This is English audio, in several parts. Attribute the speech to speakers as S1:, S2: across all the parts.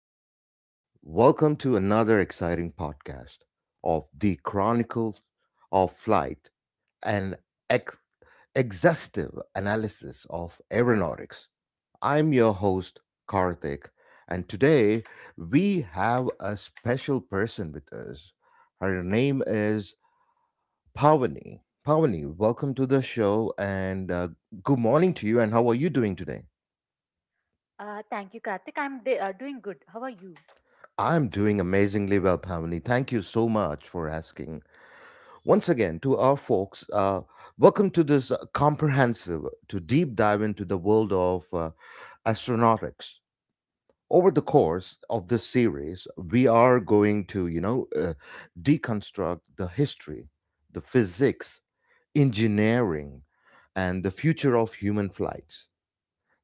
S1: you're from. Welcome to another exciting podcast of the Chronicles of Flight and ex- exhaustive analysis of aeronautics. I'm your host, Karthik, and today we have a special person with us. Her name is Pavani. Pavani, welcome to the show and good morning to you, and how are you doing today?
S2: Thank you, Karthik. I'm doing good. How are you?
S1: I'm doing amazingly well, Pavani. Thank you so much for asking. Once again, to our folks, welcome to this comprehensive, to deep dive into the world of astronautics. Over the course of this series, we are going to, deconstruct the history, the physics, engineering, and the future of human flights.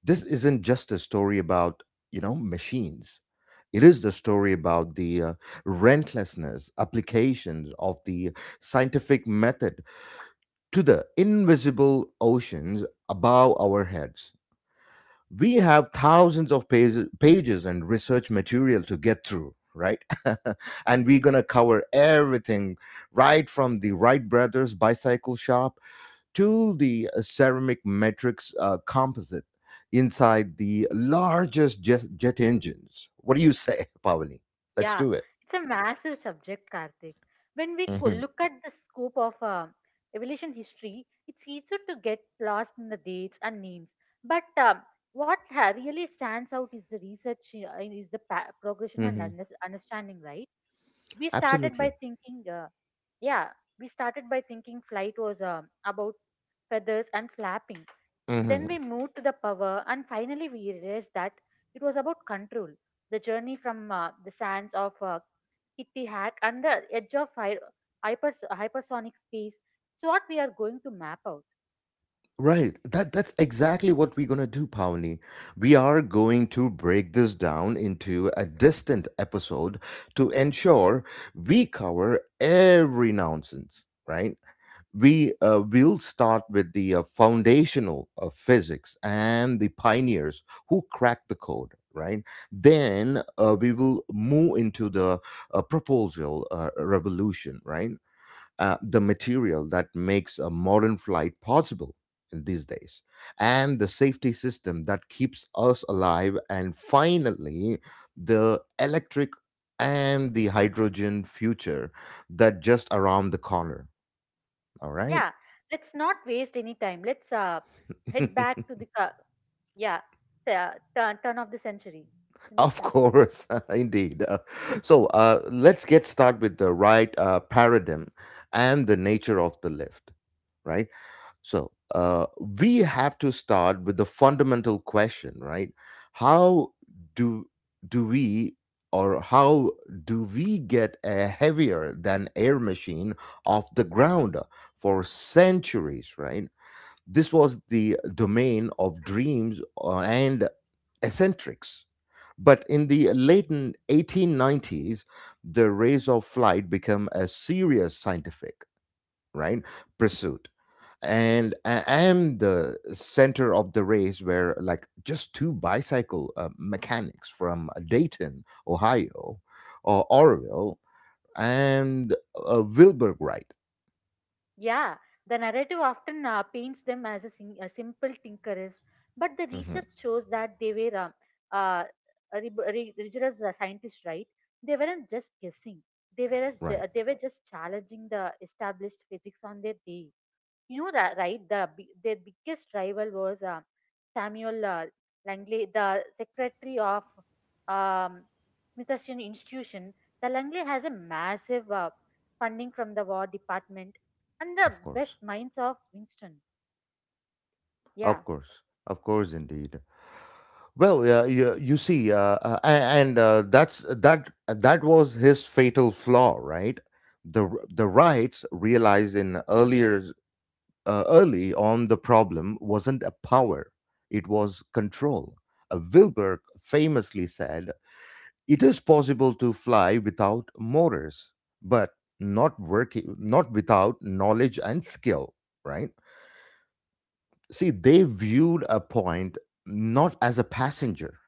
S1: This isn't just a story about, machines. It is the story about the relentlessness applications of the scientific method to the invisible oceans above our heads. We have thousands of pages and research material to get through, right? And we're going to cover everything right from the Wright brothers bicycle shop to the ceramic matrix composite inside the largest jet engines. What do you say, Pavani? Let's
S2: Yeah,
S1: do it.
S2: it's a massive subject, Karthik. When we
S1: hmm
S2: look at the scope of evolution history, it's easy to get lost in the dates and names. But what really stands out is the research, is the progression and
S1: hmm
S2: understanding, right? We started by
S1: Absolutely.
S2: thinking, uh, yeah, we started by thinking flight was about feathers and flapping. Then
S1: hmm
S2: we moved to the power, and finally we realized that it was about control. The journey from the sands of Kittihat and the edge of hypersonic space. It's what we are going to map out.
S1: Right. That's exactly what we're gonna do, Pavani. We are going to break this down into a distant episode to ensure we cover every nonsense, right? We will start with the foundational of physics and the pioneers who cracked the code, right? Then we will move into the proposal revolution, right? The material that makes a modern flight possible in these days, and the safety system that keeps us alive, and finally the electric and the hydrogen future that just around the corner, all right?
S2: Yeah, let's not waste any time. Let's head back to the yeah the turn of the century, 20th
S1: Of
S2: century.
S1: course, indeed. Let's get started with the right paradigm and the nature of the left, right? We have to start with the fundamental question, right? How do do we how do we get a heavier than air machine off the ground, for centuries, right? This was the domain of dreams and eccentrics, but in the late 1890s, the race of flight became a serious scientific, right, pursuit. And the center of the race were like just two bicycle mechanics from Dayton, Ohio, or Orville, and Wilbur Wright.
S2: Yeah, the narrative often paints them as a simple tinkerers, but the
S1: Mhm.
S2: research shows that they were uh, rigorous scientists, right? They weren't just guessing; they were
S1: Right,
S2: they were just challenging the established physics on their day. You know that, right? The their biggest rival was Samuel Langley, the secretary of um, Smithsonian Institution. The Langley has a massive funding from the War Department and the
S1: of course,
S2: best minds of Winston.
S1: of
S2: Yeah.
S1: course, of course, indeed. Well, you, you see, a- and that's that was his fatal flaw, right? The rights realized in earlier early on the problem wasn't a power; it was control. Wilbur famously said, "It is possible to fly without motors, but not working, not without knowledge and skill." Right? See, they viewed a point not as a passenger,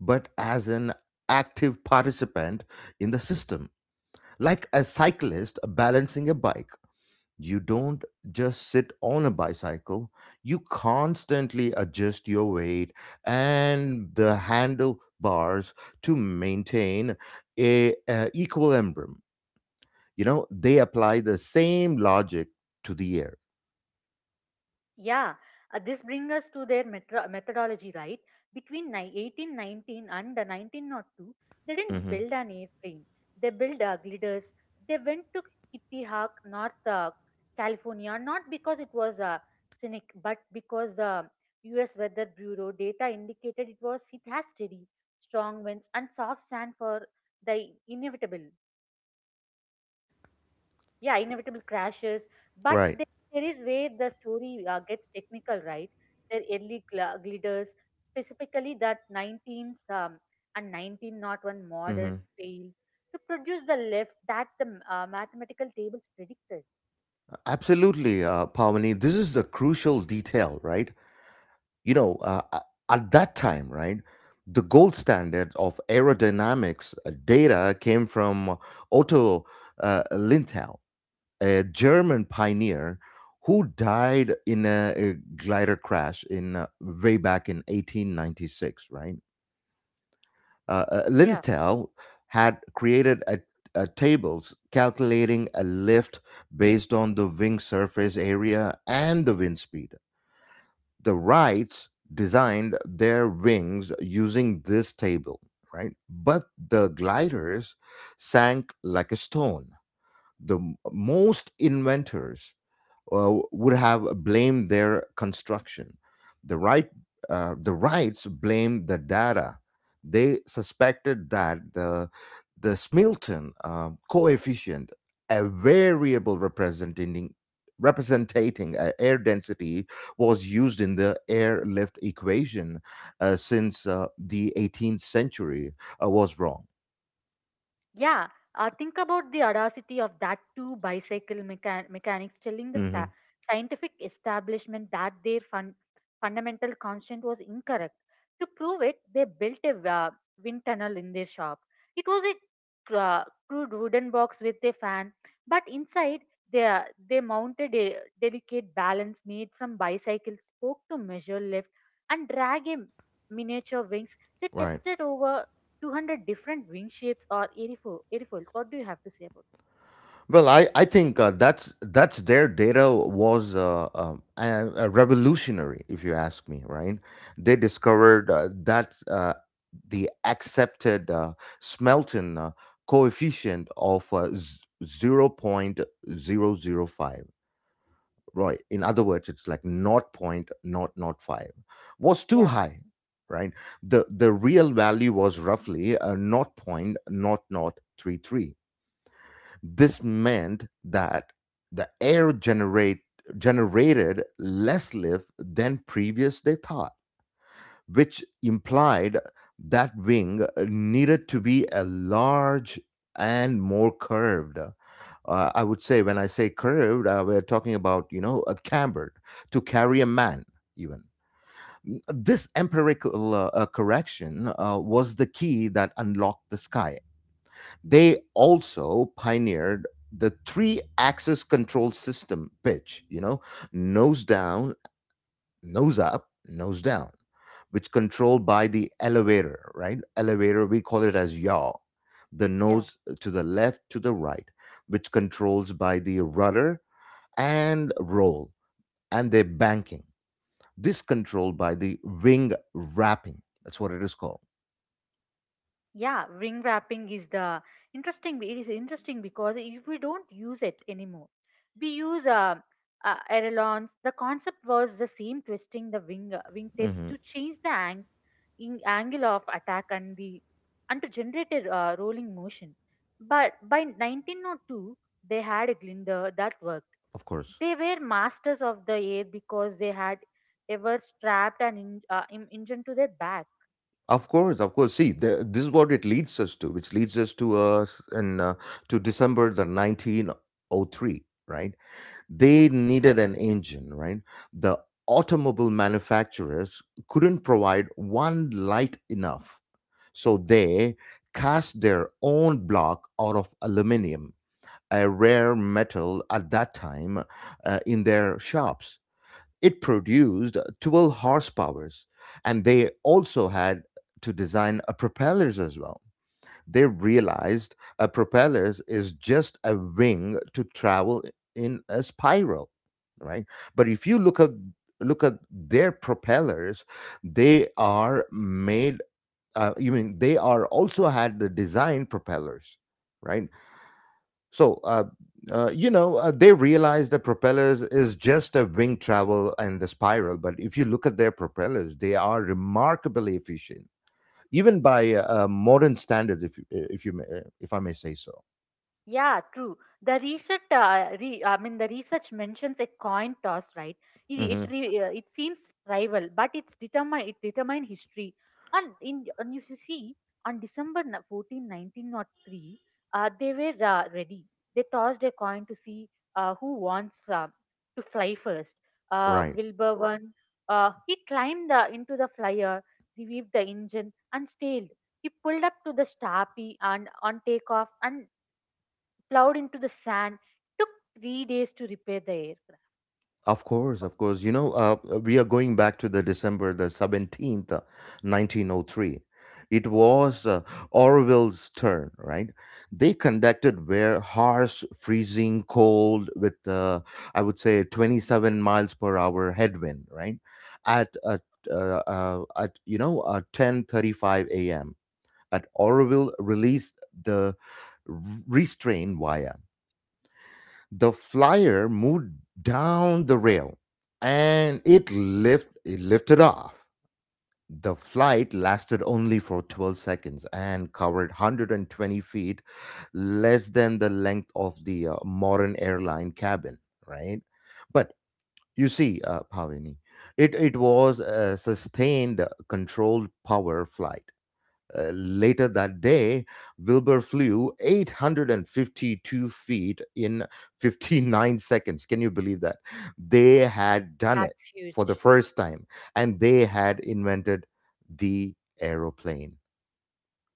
S1: but as an active participant in the system. Like a cyclist balancing a bike, you don't just sit on a bicycle, you constantly adjust your weight and the handlebars to maintain a equilibrium. You know, they apply the same logic to the air.
S2: Yeah, this brings us to their methodology, right? Between 1819 and 1902, they didn't
S1: hmm
S2: build an airplane. They built gliders. They went to Kitty Hawk, North California, not because it was scenic, but because the U.S. Weather Bureau data indicated it has steady, strong winds and soft sand for the inevitable crashes. But
S1: Right.
S2: there is where the story gets technical, right? Their early gliders, specifically that 19s and 1901
S1: Mm-hmm.
S2: models, failed to produce the lift that the mathematical tables predicted.
S1: Absolutely, Pavani. This is the crucial detail, right? You know, uh, a- at that time, right, the gold standard of aerodynamics data came from Otto Linthal, a German pioneer who died in a glider crash in way back in 1896, right? Linitel had created a tables calculating a lift based on the wing surface area and the wind speed. The Wrights designed their wings using this table, right? But the gliders sank like a stone. Most inventors would have blamed their construction. The right, the rights blamed the data. They suspected that the Smilton coefficient, a variable representing air density, was used in the airlift equation since the 18th century, was wrong.
S2: Yeah, think about the audacity of that two bicycle mechanics telling the
S1: hmm
S2: scientific establishment that their fundamental constant was incorrect. To prove it, they built a wind tunnel in their shop. It was a crude wooden box with a fan, but inside they mounted a delicate balance made from bicycle spoke to measure lift and drag a miniature wings. They
S1: Right.
S2: tested over 200 different ring shapes or airfoils. What do you have to say about it?
S1: Well, I think that's their data was revolutionary, if you ask me. Right? They discovered that the accepted Smelton coefficient of 0.005. Right. In other words, it's like not point not not five, was too
S2: Yeah,
S1: high. Right. The real value was roughly not point not not. This meant that the generated less lift than previous they thought, which implied that wing needed to be a large and more curved. I would say when I say curved, we're talking about, you know, a cambered, to carry a man even. This empirical correction was the key that unlocked the sky. They also pioneered the three axis control system: pitch, you know, nose down, nose up, nose down, which controlled by the elevator, right? Elevator, we call it as yaw. The
S2: yeah,
S1: nose to the left, to the right, which controls by the rudder, and roll and the banking. This controlled by the wing wrapping. That's what it is called.
S2: yeah. Ring wrapping is the interesting. It is interesting because if we don't use it anymore, we use ailerons. The concept was the same: twisting the wingtips
S1: hmm
S2: to change the angle of attack and the and to generate a rolling motion. But by 1902, they had a glider that was.
S1: Of course.
S2: They were masters of the air because they had ever strapped an engine to their back.
S1: Of course, of course. See, the, this is what it leads us to, which leads us to us in to December the 1903, right? They needed an engine, right? The automobile manufacturers couldn't provide one light enough, so they cast their own block out of aluminum, a rare metal at that time, in their shops. It produced 12 horsepowers, and they also had to design a propellers as well. They realized a propellers is just a wing to travel in a spiral, right? But if you look at their propellers, they are made. You mean they are also had the design propellers, right? So, you know, they realize the propellers is just a wing travel and the spiral. But if you look at their propellers, they are remarkably efficient, even by modern standards, if you may, if I may say so.
S2: Yeah, true. I mean, the research mentions a coin toss, right? It it,
S1: hmm
S2: re, uh, it seems rival, but it determine history. And if you see on December 14, 1903, they were ready. They tossed a coin to see who wants to fly first.
S1: Right.
S2: Wilbur won. He climbed into the flyer, revived the engine, and stalled. He pulled up to the Stapi and on takeoff and plowed into the sand. Took 3 days to repair the aircraft.
S1: Of course,
S2: Oh,
S1: of course. You know, we are going back to the December the 17th, 1903. It was Orwell's turn, right? They conducted where harsh, freezing cold with, I would say, 27 miles per hour headwind, right? At, uh, at, you know, 10:35 a.m. at Orwell released the restraint wire, the flyer moved down the rail and it lifted off. The flight lasted only for 12 seconds and covered 120 feet, less than the length of the modern airline cabin, right? But you see, Pavini, it was a sustained, controlled power flight. Later that day, Wilbur flew 852 feet in 59 seconds. Can you believe that? They had done it
S2: That's
S1: for the
S2: huge.
S1: first time, and they had invented the aeroplane.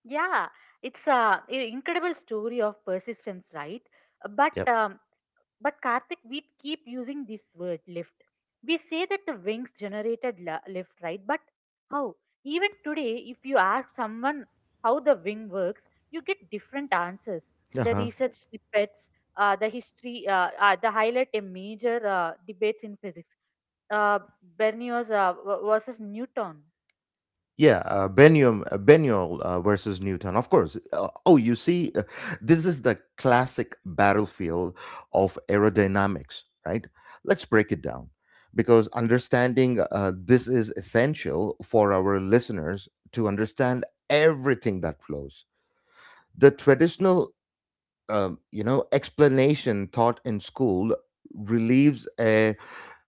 S2: Yeah, it's a incredible story of persistence, right? But
S1: Yep.
S2: um, but Karthik, we keep using this word lift. We say that the wings generated lift, right? But how? Even today, if you ask someone how the wing works, you get different answers. The
S1: Uh-huh.
S2: research snippets, the highlight a major debates in physics. uh, Bernoulli versus Newton.
S1: Benyol versus Newton. Of course. Oh, you see, this is the classic battlefield of aerodynamics, right? Let's break it down because understanding this is essential for our listeners to understand everything that flows. The traditional, you know, explanation taught in school relieves uh,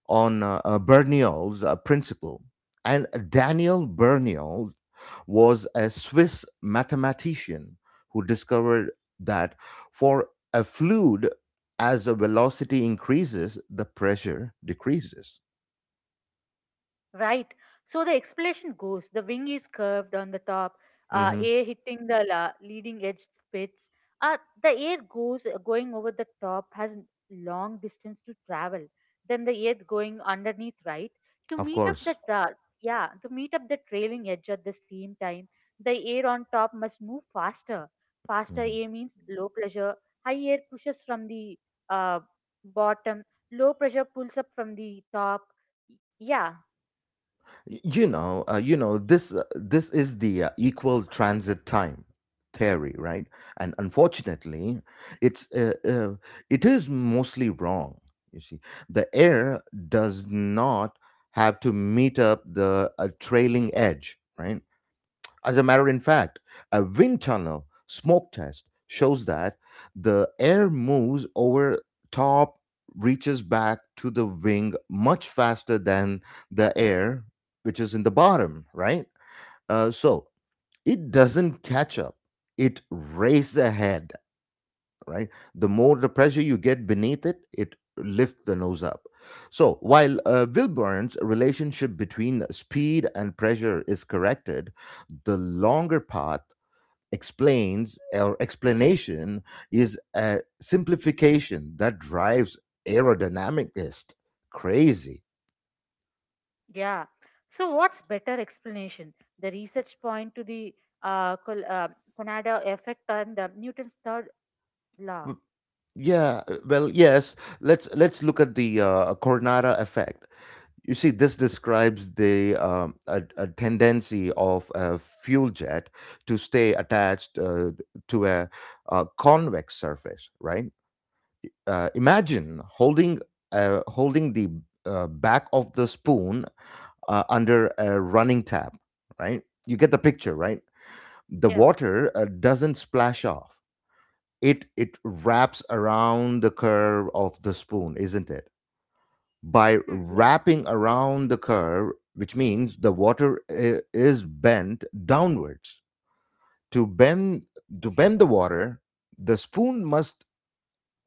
S1: on uh, uh, Bernoulli's principle, and Daniel Bernoulli was a Swiss mathematician who discovered that for a fluid, as the velocity increases, the pressure decreases.
S2: Right. So the explanation goes the wing is curved on the top,
S1: hmm
S2: air hitting the leading edge spits. Uh, the air goes going over the top has long distance to travel. Then the air going underneath, right? To
S1: Of
S2: meet up the
S1: course.
S2: tra- yeah, to meet up the trailing edge at the same time, the air on top must move faster. Faster
S1: hmm
S2: air means low pressure. High air pushes from the uh, bottom. Low pressure pulls up from the top, yeah.
S1: You know this. This is the equal transit time theory, right? And unfortunately, it's uh, uh, it is mostly wrong. You see, the air does not have to meet up the trailing edge, right? As a matter of fact, a wind tunnel smoke test shows that the air moves over top, reaches back to the wing much faster than the air which is in the bottom, right? Uh, so it doesn't catch up, it races ahead, right? The more the pressure you get beneath it, it lifts the nose up. So while Wilburn's relationship between speed and pressure is corrected, the longer path explains or explanation is a simplification that drives aerodynamicist crazy.
S2: Yeah. So what's better explanation? The research point to the uh, Col- uh, Conada effect and Newton's third law.
S1: W- yes. Let's look at the Coronada effect. You see, this describes the a tendency of a fuel jet to stay attached to a convex surface. Right? Imagine holding the back of the spoon under a running tap, right? You get the picture, right? The
S2: Yeah.
S1: water doesn't splash off. It wraps around the curve of the spoon, isn't it? By
S2: Hmm.
S1: wrapping around the curve, which means the water is bent downwards. To bend to bend the water, the spoon must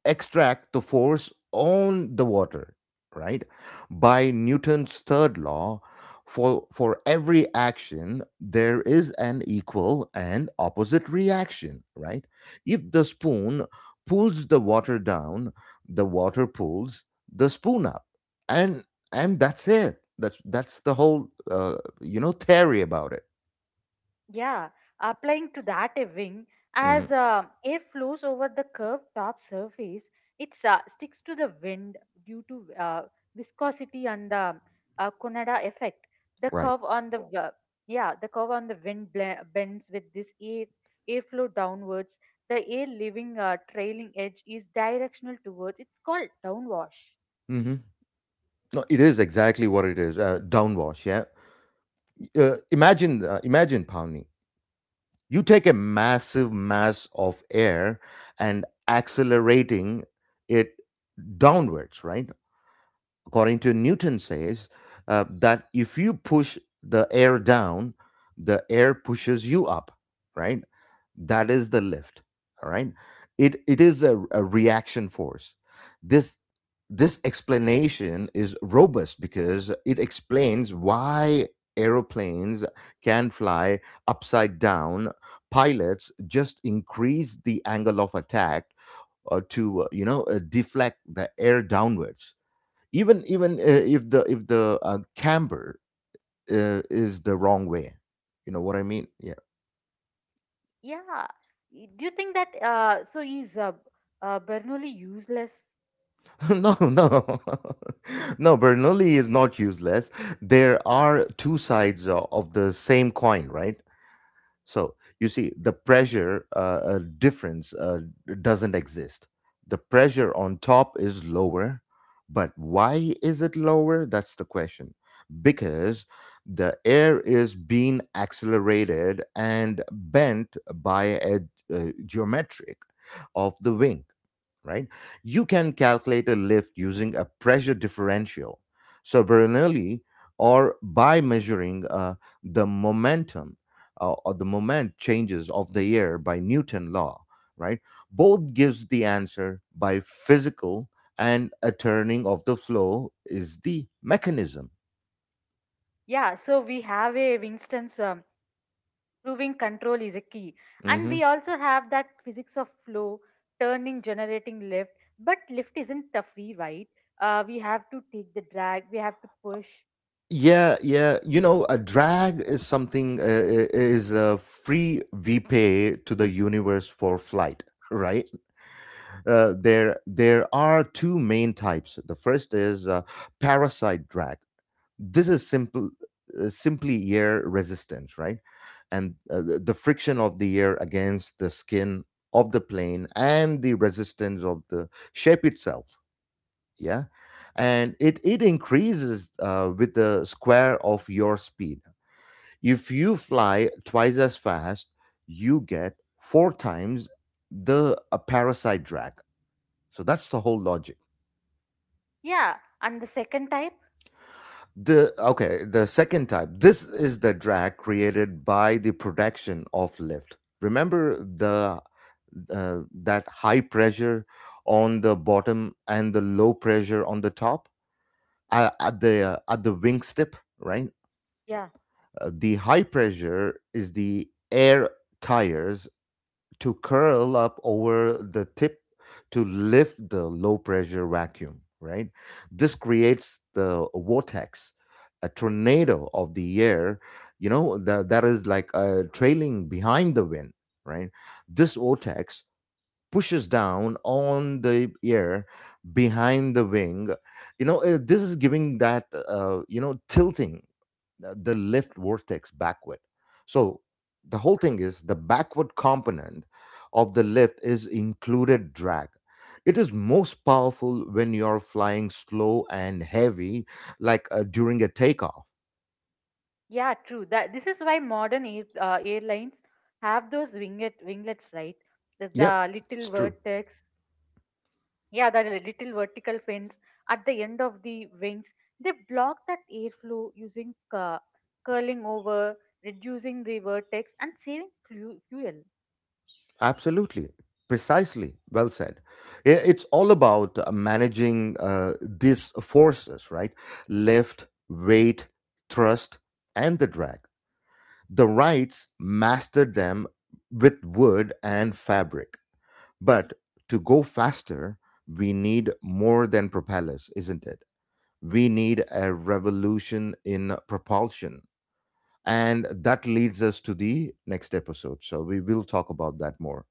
S1: extract the force on the water, right? By Newton's third law, for every action, there is an equal and opposite reaction, right? If the spoon pulls the water down, the water pulls the spoon up. And that's it. That's the whole you know theory about it.
S2: Yeah, applying to that a wing
S1: hmm
S2: as air flows over the curved top surface, it sticks to the wind due to viscosity and the Conada effect. The
S1: Right.
S2: curve on the w- yeah, the curve on the wind bends with this airflow downwards. The air leaving a trailing edge is directional towards. It's called downwash.
S1: hmm No, it is exactly what it is. Downwash. Yeah. Imagine, Pawnee. You take a massive mass of air and accelerating it downwards, right? According to Newton says that if you push the air down, the air pushes you up, right? That is the lift, all right. It is a reaction force. This this explanation is robust because it explains why aeroplanes can fly upside down. Pilots just increase the angle of attack, to deflect the air downwards, even if the camber is the wrong way, you know what I mean? Yeah.
S2: Yeah, do you think that so is Bernoulli useless?
S1: No, no, no. Bernoulli is not useless. There are two sides of the same coin, right? So you see, the pressure, difference doesn't exist. The pressure on top is lower, but why is it lower? That's the question. Because the air is being accelerated and bent by a, geometric of the wing, right? You can calculate a lift using a pressure differential, so Bernoulli, or by measuring the momentum or the moment changes of the air by Newton law, right? Both gives the answer by physical, and a turning of the flow is the mechanism.
S2: Yeah, so we have a Winston's proving control is a key. And
S1: Hmm.
S2: we also have that physics of flow, turning, generating lift. But lift isn't a free ride. We have to take the drag, we have to push.
S1: Yeah, yeah. You know, a drag is something is a free we pay to the universe for flight, right? There are two main types. The first is parasite drag. This is simple, simply air resistance, right? And the friction of the air against the skin of the plane and the resistance of the shape itself. Yeah, and it increases with the square of your speed. If you fly twice as fast, you get four times the parasite drag, so that's the whole logic.
S2: Yeah, and the second type,
S1: The second type. This is the drag created by the production of lift. Remember the that high pressure on the bottom and the low pressure on the top at the at the wingstip, right?
S2: yeah,
S1: The high pressure is the air tires to curl up over the tip to lift the low pressure vacuum, right? This creates the vortex, a tornado of the air, you know, that is like trailing behind the wind, right? This vortex pushes down on the air behind the wing. This is giving that tilting the left vortex backward. So the whole thing is the backward component of the lift is included drag. It is most powerful when you're flying slow and heavy, like during a takeoff.
S2: yeah, true. That This is why modern airlines have those winglets, right? The,
S1: Yep,
S2: the
S1: it's
S2: little
S1: true.
S2: vertex. Yeah, that little vertical fins at the end of the wings, they block that airflow using curling over, reducing the vertex, and saving fuel.
S1: Absolutely. Precisely. Well said. It's all about managing these forces, right? Lift, weight, thrust, and the drag. The Wrights mastered them with wood and fabric. But to go faster, we need more than propellers, isn't it? We need a revolution in propulsion. And that leads us to the next episode. So we will talk about that more,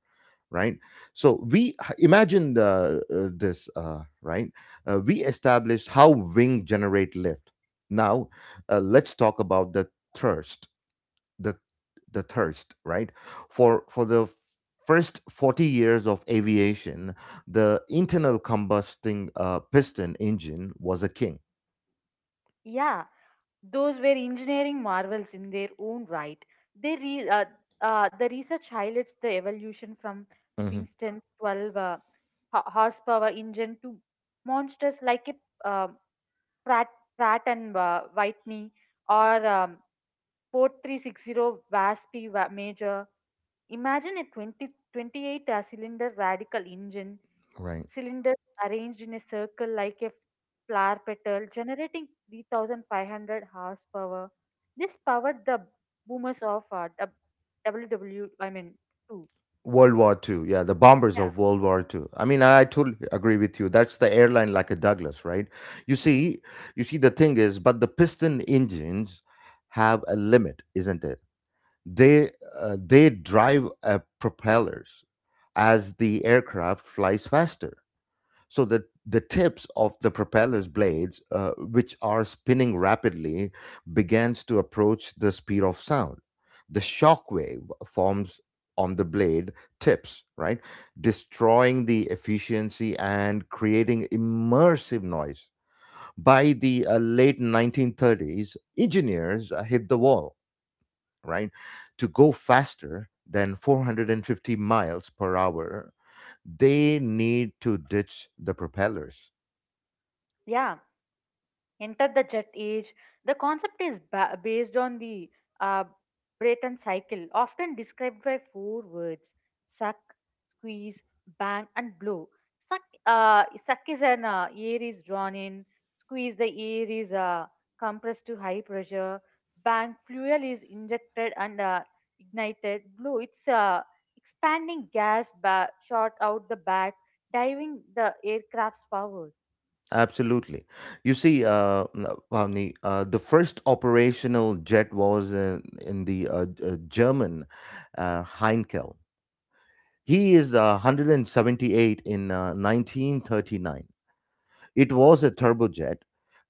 S1: right? So we imagine the, this, right? We established how wing generate lift. Now, let's talk about the thrust, the the thirst, right? For the first 40 years of aviation, the internal combusting piston engine was a king.
S2: Yeah, those were engineering marvels in their own right. They re- uh, the research highlights the evolution from
S1: Hmm.
S2: Winston's 12 horsepower engine to monsters like a Pratt, Pratt and Whitney or 4360 VASP major. Imagine a 28 cylinder radical engine,
S1: Right.
S2: cylinders arranged in a circle like a flower petal, generating 3,500 horsepower. This powered the boomers of WW, I mean, 2.
S1: World War Two, yeah, the bombers
S2: Yeah.
S1: of World War Two. I mean, I totally agree with you, that's the airline like a Douglas, right? You see you see the thing is, but the piston engines have a limit, isn't it? They they drive propellers. As the aircraft flies faster, so the tips of the propeller's blades, which are spinning rapidly, begins to approach the speed of sound. The shock wave forms on the blade tips, right, destroying the efficiency and creating immersive noise. By the late 1930s, engineers hit the wall, right, to go faster than 450 miles per hour. They need to ditch the propellers.
S2: Yeah. Enter the Jet Age. The concept is based on the uh, Brayton cycle, often described by four words: suck, squeeze, bang, and blow. Suck, suck is an air is drawn in; squeeze, the air is compressed to high pressure; bang, fuel is injected and ignited; blow, it's expanding gas shot out the back, diving the aircraft's forward.
S1: Absolutely. You see, Bhavni, the first operational jet was in the German Heinkel. He is 178 in 1939. It was a turbojet.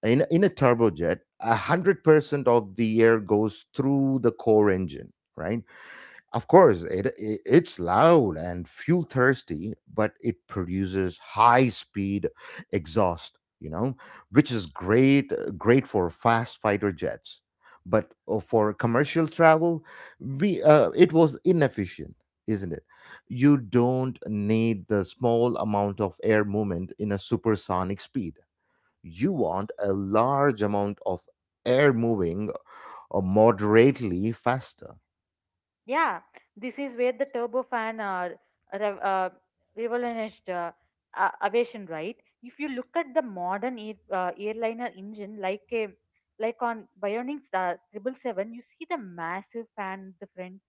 S1: In a turbojet, 100% of the air goes through the core engine, right? Of course, it's loud and fuel thirsty, but it produces high speed exhaust, you know, which is great for fast fighter jets. But for commercial travel, we it was inefficient, isn't it? You don't need the small amount of air movement in a supersonic speed. You want a large amount of air moving moderately faster.
S2: Yeah, this is where the turbofan rev- uh, revolutionized aviation, right? If you look at the modern airliner engine, like on Bionics 777, you see the massive fan at the front.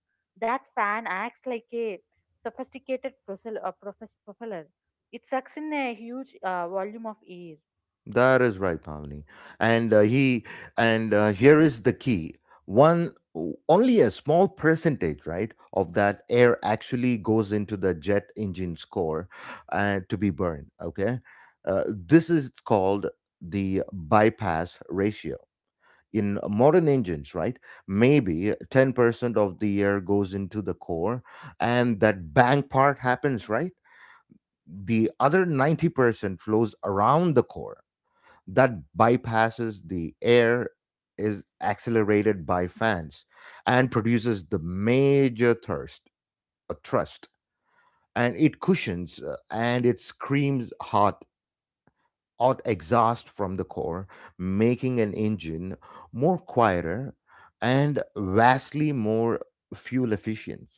S2: That fan acts like a sophisticated propeller. It sucks in a huge volume of air.
S1: That is right, Pavani. And he and here is the key. One only a small percentage, right, of that air actually goes into the jet engine's core to be burned. Okay, this is called the bypass ratio. In modern engines, right, maybe 10% of the air goes into the core and that bang part happens, right? The other 90% flows around the core, that bypasses the air, is accelerated by fans and produces the major thirst, a thrust, and it cushions, and it screams hot, hot exhaust from the core, making an engine more quieter and vastly more fuel efficient.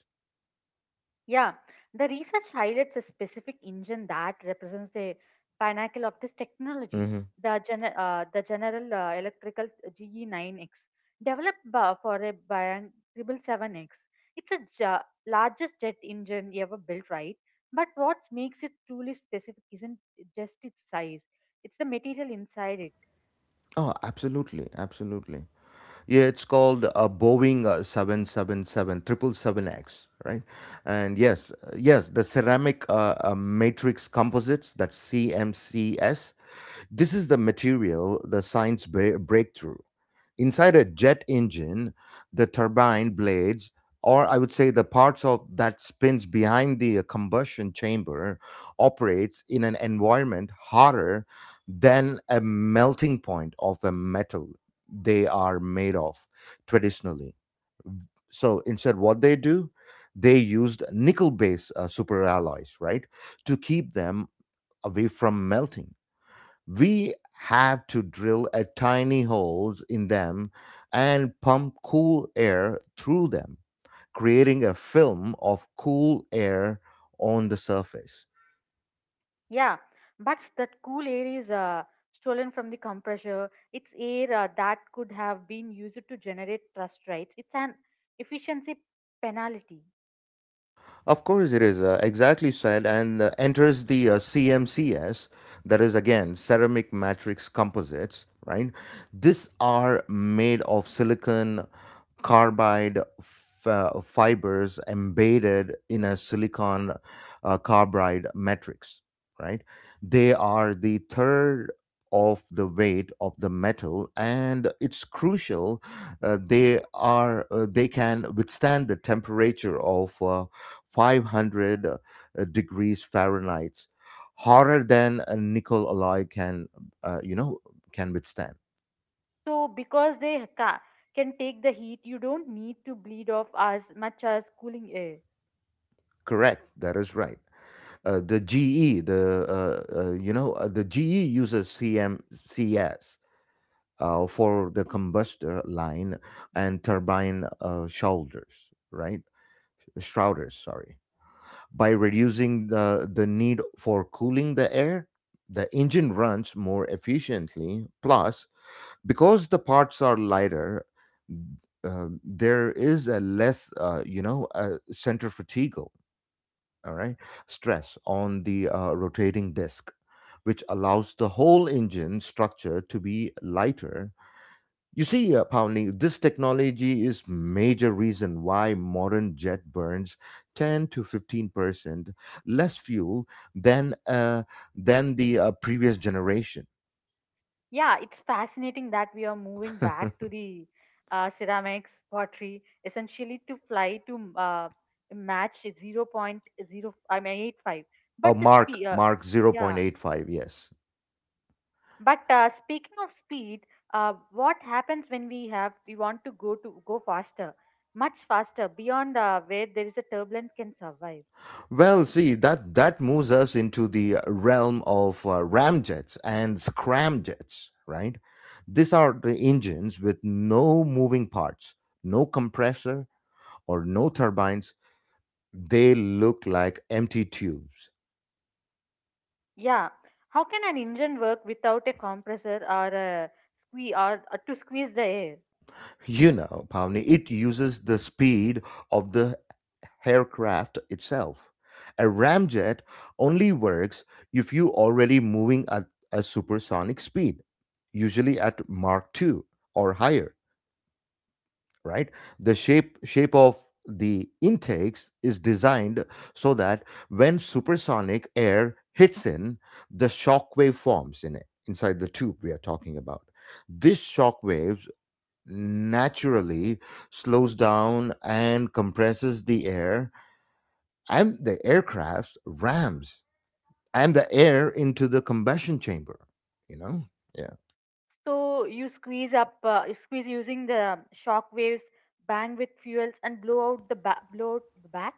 S2: Yeah, the research highlights a specific engine that represents the pinnacle of this technology,
S1: Mhm.
S2: the General Electrical GE9X, developed for a Boeing 777X. It's a largest jet engine ever built, right? But what makes it truly specific isn't just its size; it's the material inside it.
S1: Oh, absolutely, absolutely. Yeah, it's called a Boeing 777, 777X, right? And yes, yes, the ceramic, matrix composites, that's CMCS. This is the material, the science breakthrough. Inside a jet engine, the turbine blades, or I would say the parts of that spins behind the combustion chamber, operates in an environment hotter than a melting point of a metal they are made of traditionally. So instead, what they do, they used nickel-based superalloys, right, to keep them away from melting, we have to drill a tiny holes in them and pump cool air through them, creating a film of cool air on the surface.
S2: Yeah, but that cool air is stolen from the compressor. It's air that could have been used to generate thrust rates. It's an efficiency penalty.
S1: Of course, it is exactly said, and enters the CMCS, that is again ceramic matrix composites, right? These are made of silicon carbide fibers embedded in a silicon carbide matrix, right? They are the third of the weight of the metal, and it's crucial they can withstand the temperature of 500 degrees Fahrenheit, hotter than a nickel alloy can, you know, can withstand.
S2: So, because they can take the heat, you don't need to bleed off as much as cooling air.
S1: Correct. That is right. The GE, the you know, the GE uses CMCS for the combustor line and turbine shoulders, right? Shrouders, sorry. By reducing the need for cooling the air, the engine runs more efficiently. Plus, because the parts are lighter, there is a less centrifugal, all right, stress on the rotating disk, which allows the whole engine structure to be lighter. You see, Pawnee, this technology is major reason why modern jet burns 10 to 15% less fuel than uh, than the previous generation.
S2: Yeah, it's fascinating that we are moving back to the ceramics pottery essentially to fly to match 0.0. I mean 85. But
S1: A
S2: the
S1: mark,
S2: speed,
S1: mark
S2: yeah.
S1: 0.85, yes.
S2: But speaking of speed, what happens when we want to go faster, much faster beyond where there is a turbulence can survive?
S1: Well, see, that moves us into the realm of ramjets and scramjets, right? These are the engines with no moving parts, no compressor or no turbines. They look like empty tubes.
S2: Yeah, how can an engine work without a compressor or a squeeze or to squeeze the air?
S1: You know, Pavni, it uses the speed of the aircraft itself. A ramjet only works if you're already moving at a supersonic speed, usually at Mach 2 or higher, right? The shape of the intakes is designed so that when supersonic air hits in, the shock wave forms in it, inside the tube we are talking about. These shock waves naturally slows down and compresses the air, and the aircraft rams and the air into the combustion chamber, you know. Yeah.
S2: So you squeeze using the shock waves, bang with fuels, and blow out the blow out the back.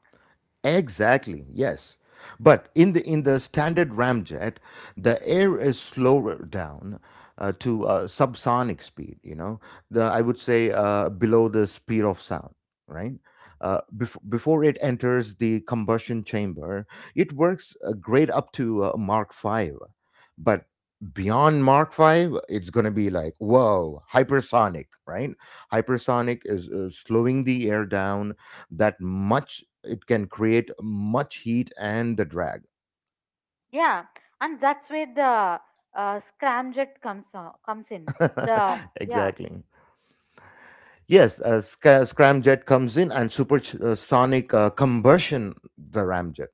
S1: Exactly, yes. But in the standard ramjet, the air is slowed down to subsonic speed. You know, the, I would say below the speed of sound. Right, before it enters the combustion chamber, it works great up to Mark Five, but beyond Mark Five, it's going to be like whoa, hypersonic. Right, hypersonic is slowing the air down that much it can create much heat and the drag.
S2: Yeah, and that's where the scramjet comes in. The Yeah.
S1: Exactly. Yes, scramjet comes in, and supersonic combustion the ramjet,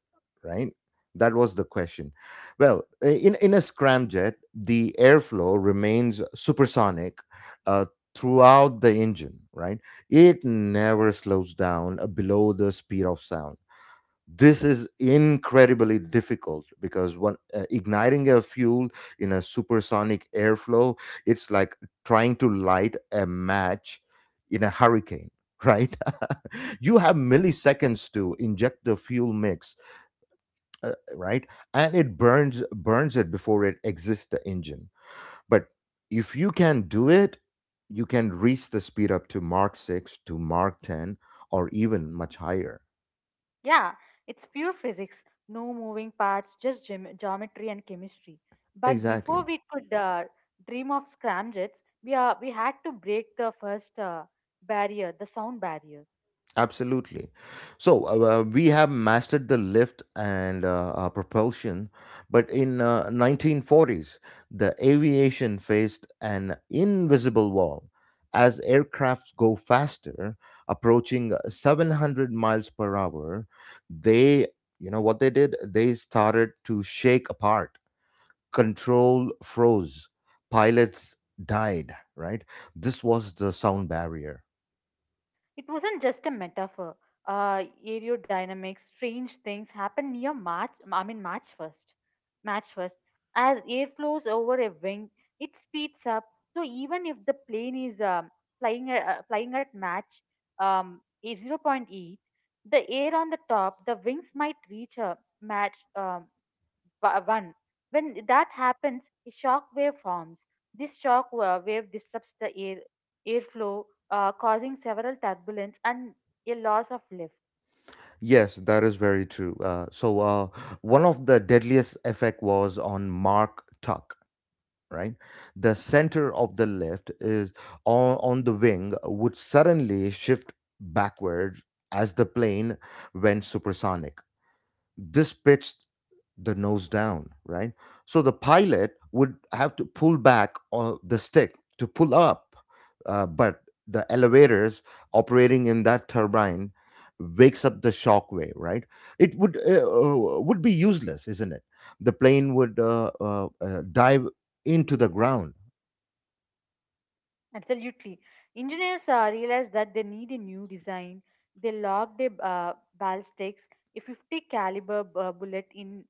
S1: right? That was the question. Well, in a scramjet, the airflow remains supersonic uh, throughout the engine, right? It never slows down below the speed of sound. This is incredibly difficult because when igniting a fuel in a supersonic airflow, it's like trying to light a match in a hurricane, right? You have milliseconds to inject the fuel mix, right, and it burns it before it exits the engine. But if you can do it, you can reach the speed up to mark 6 to mark 10 or even much higher.
S2: Yeah, it's pure physics, no moving parts, just geometry and chemistry. But before
S1: Exactly.
S2: we could dream of scramjets, we had to break the first barrier, the sound barrier.
S1: Absolutely. So we have mastered the lift and propulsion, but in 1940s, the aviation faced an invisible wall. As aircrafts go faster, approaching 700 miles per hour, they, you know what they did? They started to shake apart. Control froze. Pilots died, right? This was the sound barrier.
S2: It wasn't just a metaphor. Aerodynamics, strange things happen near March. I mean, March 1st. March 1st, as air flows over a wing, it speeds up. So even if the plane is flying at Mach a zero point 0.8, the air on the top, the wings might reach a Mach one. When that happens, a shock wave forms. This shock wave disrupts the airflow, causing several turbulence and a loss of lift.
S1: Yes, that is very true. One of the deadliest effect was on Mark Tuck, right? The center of the lift is on the wing would suddenly shift backwards as the plane went supersonic, this pitched the nose down, right? So the pilot would have to pull back on the stick to pull up, but the elevators operating in that turbine wakes up the shock wave, right? It would be useless, isn't it? The plane would dive into the ground.
S2: Absolutely, engineers realized that they need a new design. They locked a ballistics, a 50 caliber bullet in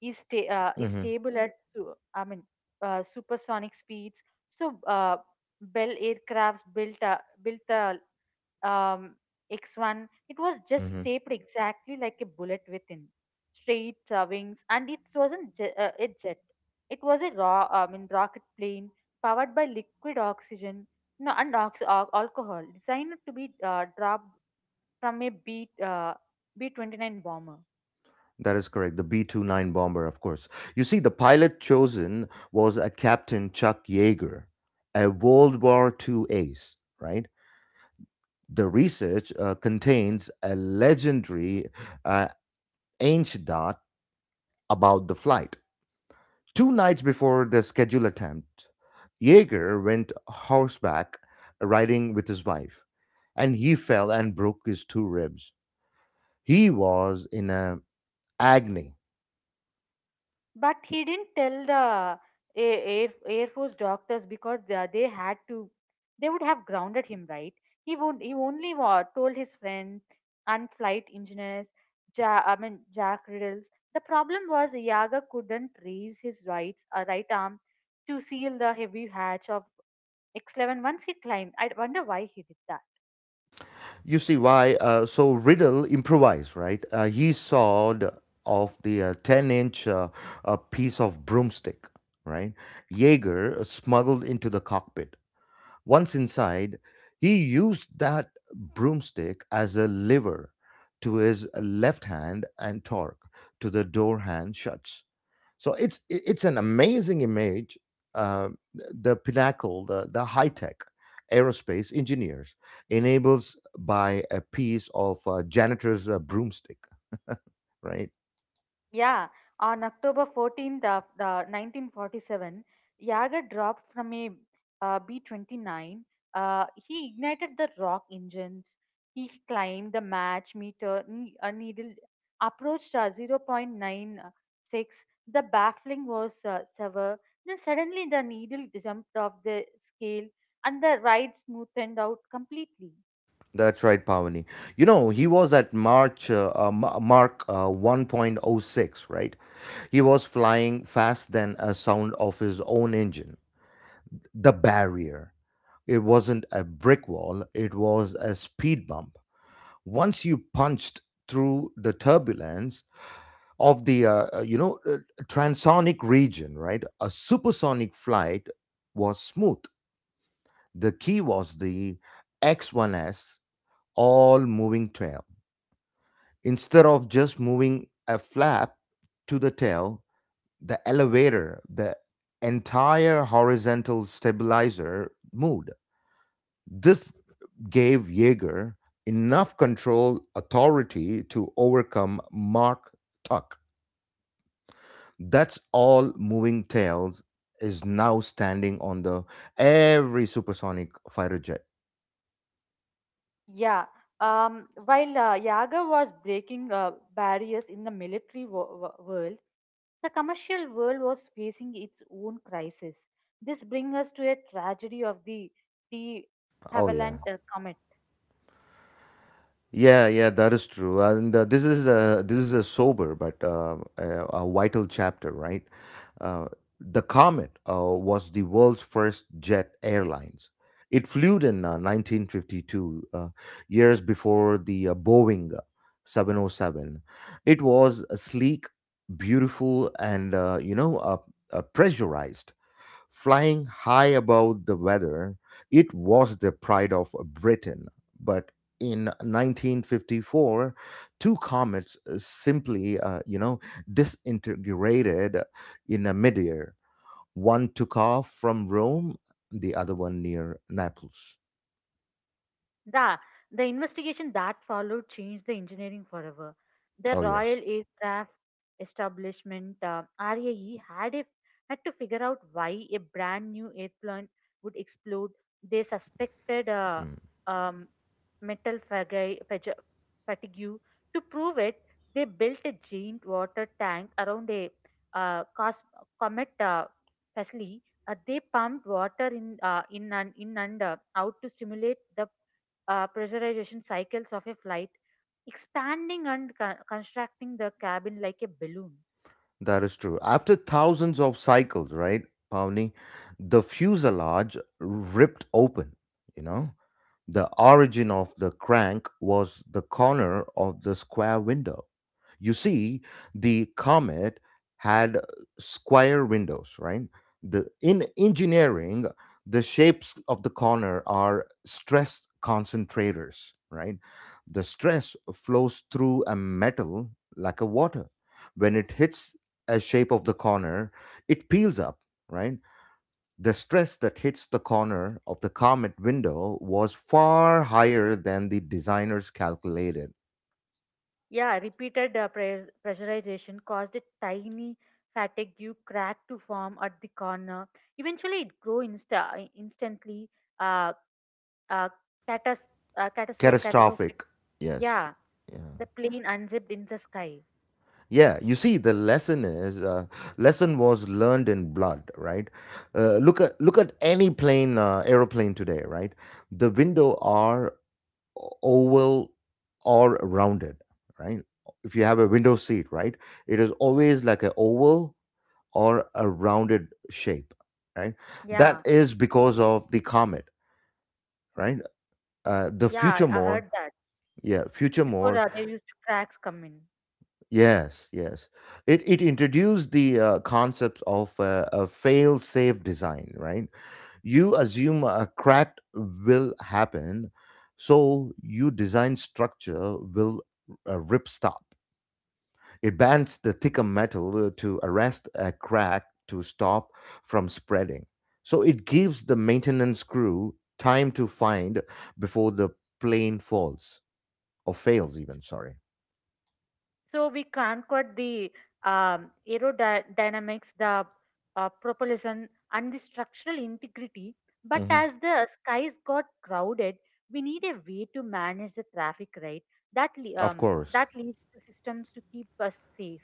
S2: is, sta- uh, is
S1: Hmm.
S2: stable at I mean, supersonic speeds. So, Bell aircrafts built the um, X1. It was just
S1: Hmm.
S2: shaped exactly like a bullet within straight wings, and it wasn't a jet. It was a rocket plane powered by liquid oxygen no, and alcohol, designed to be dropped from a B B-29 bomber.
S1: That is correct. The B B-29 bomber, of course. You see, the pilot chosen was a Captain Chuck Yeager, a World War two ace, right? The research contains a legendary uh, anecdote about the flight. Two nights before the scheduled attempt, Yeager went horseback riding with his wife, and he fell and broke his two ribs. He was in a agony.
S2: But he didn't tell the Air Force doctors because they would have grounded him, right? He only told his friends and flight engineers, Jack Riddles. The problem was Yaga couldn't raise his right arm to seal the heavy hatch of X-11 once he climbed. I wonder why he did that.
S1: You see why? So Riddle improvised, right? He sawed off the 10 inch piece of broomstick, right? Jaeger smuggled into the cockpit. Once inside, he used that broomstick as a lever to his left hand and torque to the door hand shuts. So it's an amazing image. Uh, the pinnacle, the high tech aerospace engineers enables by a piece of janitor's broomstick, right?
S2: Yeah, on October 14th of the 1947, Yager dropped from a B-29. He ignited the rock engines. He climbed the match meter needle, approached 0.96. The baffling was severe. Then suddenly the needle jumped off the scale, and the ride smoothed out completely.
S1: That's right, Pavani. You know, he was at Mark 1.06, right? He was flying fast than a sound of his own engine. The barrier. It wasn't a brick wall, it was a speed bump. Once you punched through the turbulence of the transonic region, right, a supersonic flight was smooth. The key was the x one S all moving tail, instead of just moving a flap to the tail. The elevator, the entire horizontal stabilizer moved. This gave Jaeger enough control authority to overcome Mark Tuck. That's all. Moving Tails is now standing on the every supersonic fighter jet.
S2: Yeah. While Yaga was breaking barriers in the military world, the commercial world was facing its own crisis. This brings us to a tragedy of the de
S1: Oh yeah.
S2: Havilland comet.
S1: Yeah, that is true, and this is a sober but a vital chapter, right? Uh, the Comet was the world's first jet airlines. It flew in 1952, years before the Boeing 707. It was sleek, beautiful, and pressurized. Flying high above the weather, it was the pride of Britain. But in 1954, two comets simply, disintegrated in a midair. One took off from Rome, the other one near Naples.
S2: The, the investigation that followed changed the engineering forever. The
S1: Oh, yes.
S2: Royal Aircraft Establishment RAE had to figure out why a brand new airplane would explode. They suspected
S1: Mm.
S2: um, metal fatigue. To prove it, they built a giant water tank around a uh, cos- comet facility. They pumped water in and out to stimulate the pressurization cycles of a flight, expanding and constructing the cabin like a balloon.
S1: That is true. After thousands of cycles, right, Pawni, the fuselage ripped open, you know. The origin of the crank was the corner of the square window. You see, the Comet had square windows, right? In engineering, the shapes of the corner are stress concentrators, right? The stress flows through a metal like a water. When it hits a shape of the corner, it peels up, right? The stress that hits the corner of the Comet window was far higher than the designers calculated.
S2: Yeah, repeated pressurization caused a tiny fatigue crack to form at the corner. Eventually, it grew instantly uh, uh, catas- catastrophic.
S1: Catastrophic. Yes.
S2: Yeah,
S1: Yeah.
S2: the plane unzipped in the sky.
S1: Yeah. You see, the lesson is lesson was learned in blood, right? Look at any plane, aeroplane today, right? The window are oval or rounded, right? If you have a window seat, right, it is always like an oval or a rounded shape, right? That
S2: Yeah,
S1: is because of the comet, right? The
S2: yeah,
S1: future
S2: I
S1: more,
S2: heard that.
S1: yeah, future
S2: Before
S1: more,
S2: there used to cracks come in.
S1: yes, yes. It introduced the concept of a fail safe design, right? You assume a crack will happen, so you design structure will rip stop. It bends the thicker metal to arrest a crack to stop from spreading. So it gives the maintenance crew time to find before the plane falls or fails, even. Sorry.
S2: So we conquered the aerodynamics, the propulsion, and the structural integrity. But
S1: Hmm.
S2: as the skies got crowded, we need a way to manage the traffic, right? That le-
S1: Of
S2: um,
S1: course.
S2: that leads to systems to keep us safe.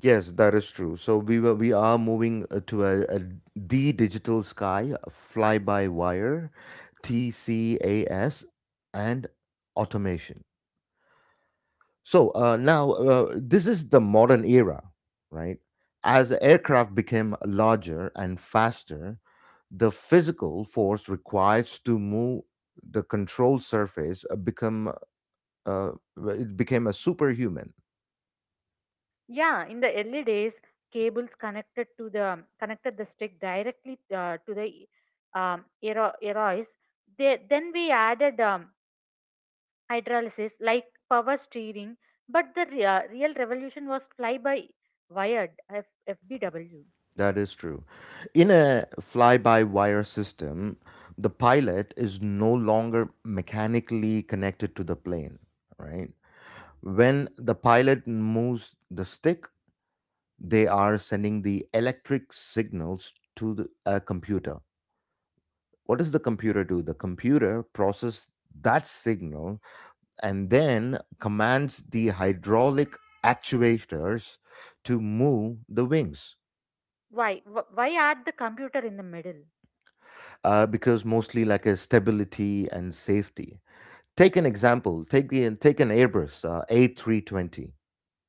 S1: Yes, that is true. We are moving to a D digital sky, fly by wire, TCAS, and automation. So now this is the modern era, right? As aircraft became larger and faster, the physical force required to move the control surface become uh, it became a superhuman.
S2: Yeah, in the early days, cables connected the stick directly to the aerois. Then we added hydrolysis like power steering, but the real revolution was fly by wired FBW.
S1: That is true. In a fly-by-wire system, the pilot is no longer mechanically connected to the plane, right? When the pilot moves the stick, they are sending the electric signals to a computer. What does the computer do? The computer process that signal and then commands the hydraulic actuators to move the wings.
S2: Why? Why add the computer in the middle?
S1: Because mostly like a stability and safety, take an example, take an airbus A320,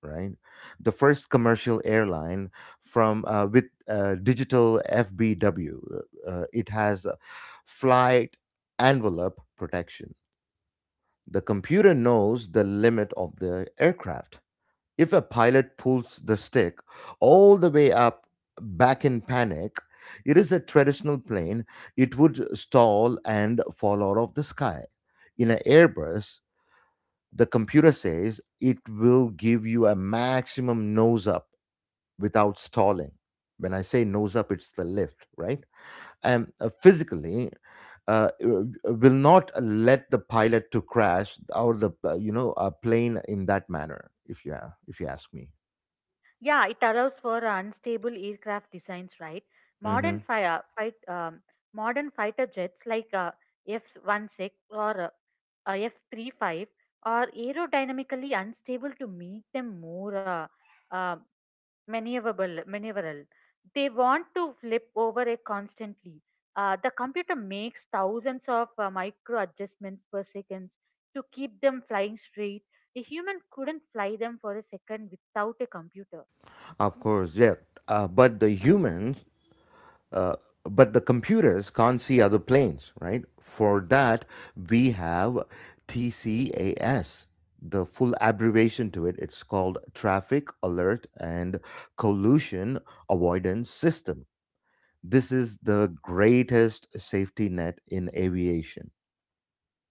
S1: right? The first commercial airline from with digital FBW. It has a flight envelope protection. The computer knows the limit of the aircraft. If a pilot pulls the stick all the way up back in panic, it is a traditional plane. It would stall and fall out of the sky. In an Airbus, the computer says it will give you a maximum nose up without stalling. When I say nose up, it's the lift, right? And physically, will not let the pilot to crash or the a plane in that manner. If you ask me,
S2: Yeah, it allows for unstable aircraft designs, right?
S1: hmm.
S2: Modern fire fight, um, modern fighter jets like F-16 or uh, F-35 are aerodynamically unstable to make them more uh, maneuverable. They want to flip over it constantly. The computer makes thousands of micro adjustments per second to keep them flying straight. A human couldn't fly them for a second without a computer.
S1: Of course, yeah. Uh, but the humans Uh, but the computers can't see other planes, right? For that, we have TCAS. The full abbreviation to it, it's called Traffic Alert and Collision Avoidance System. This is the greatest safety net in aviation.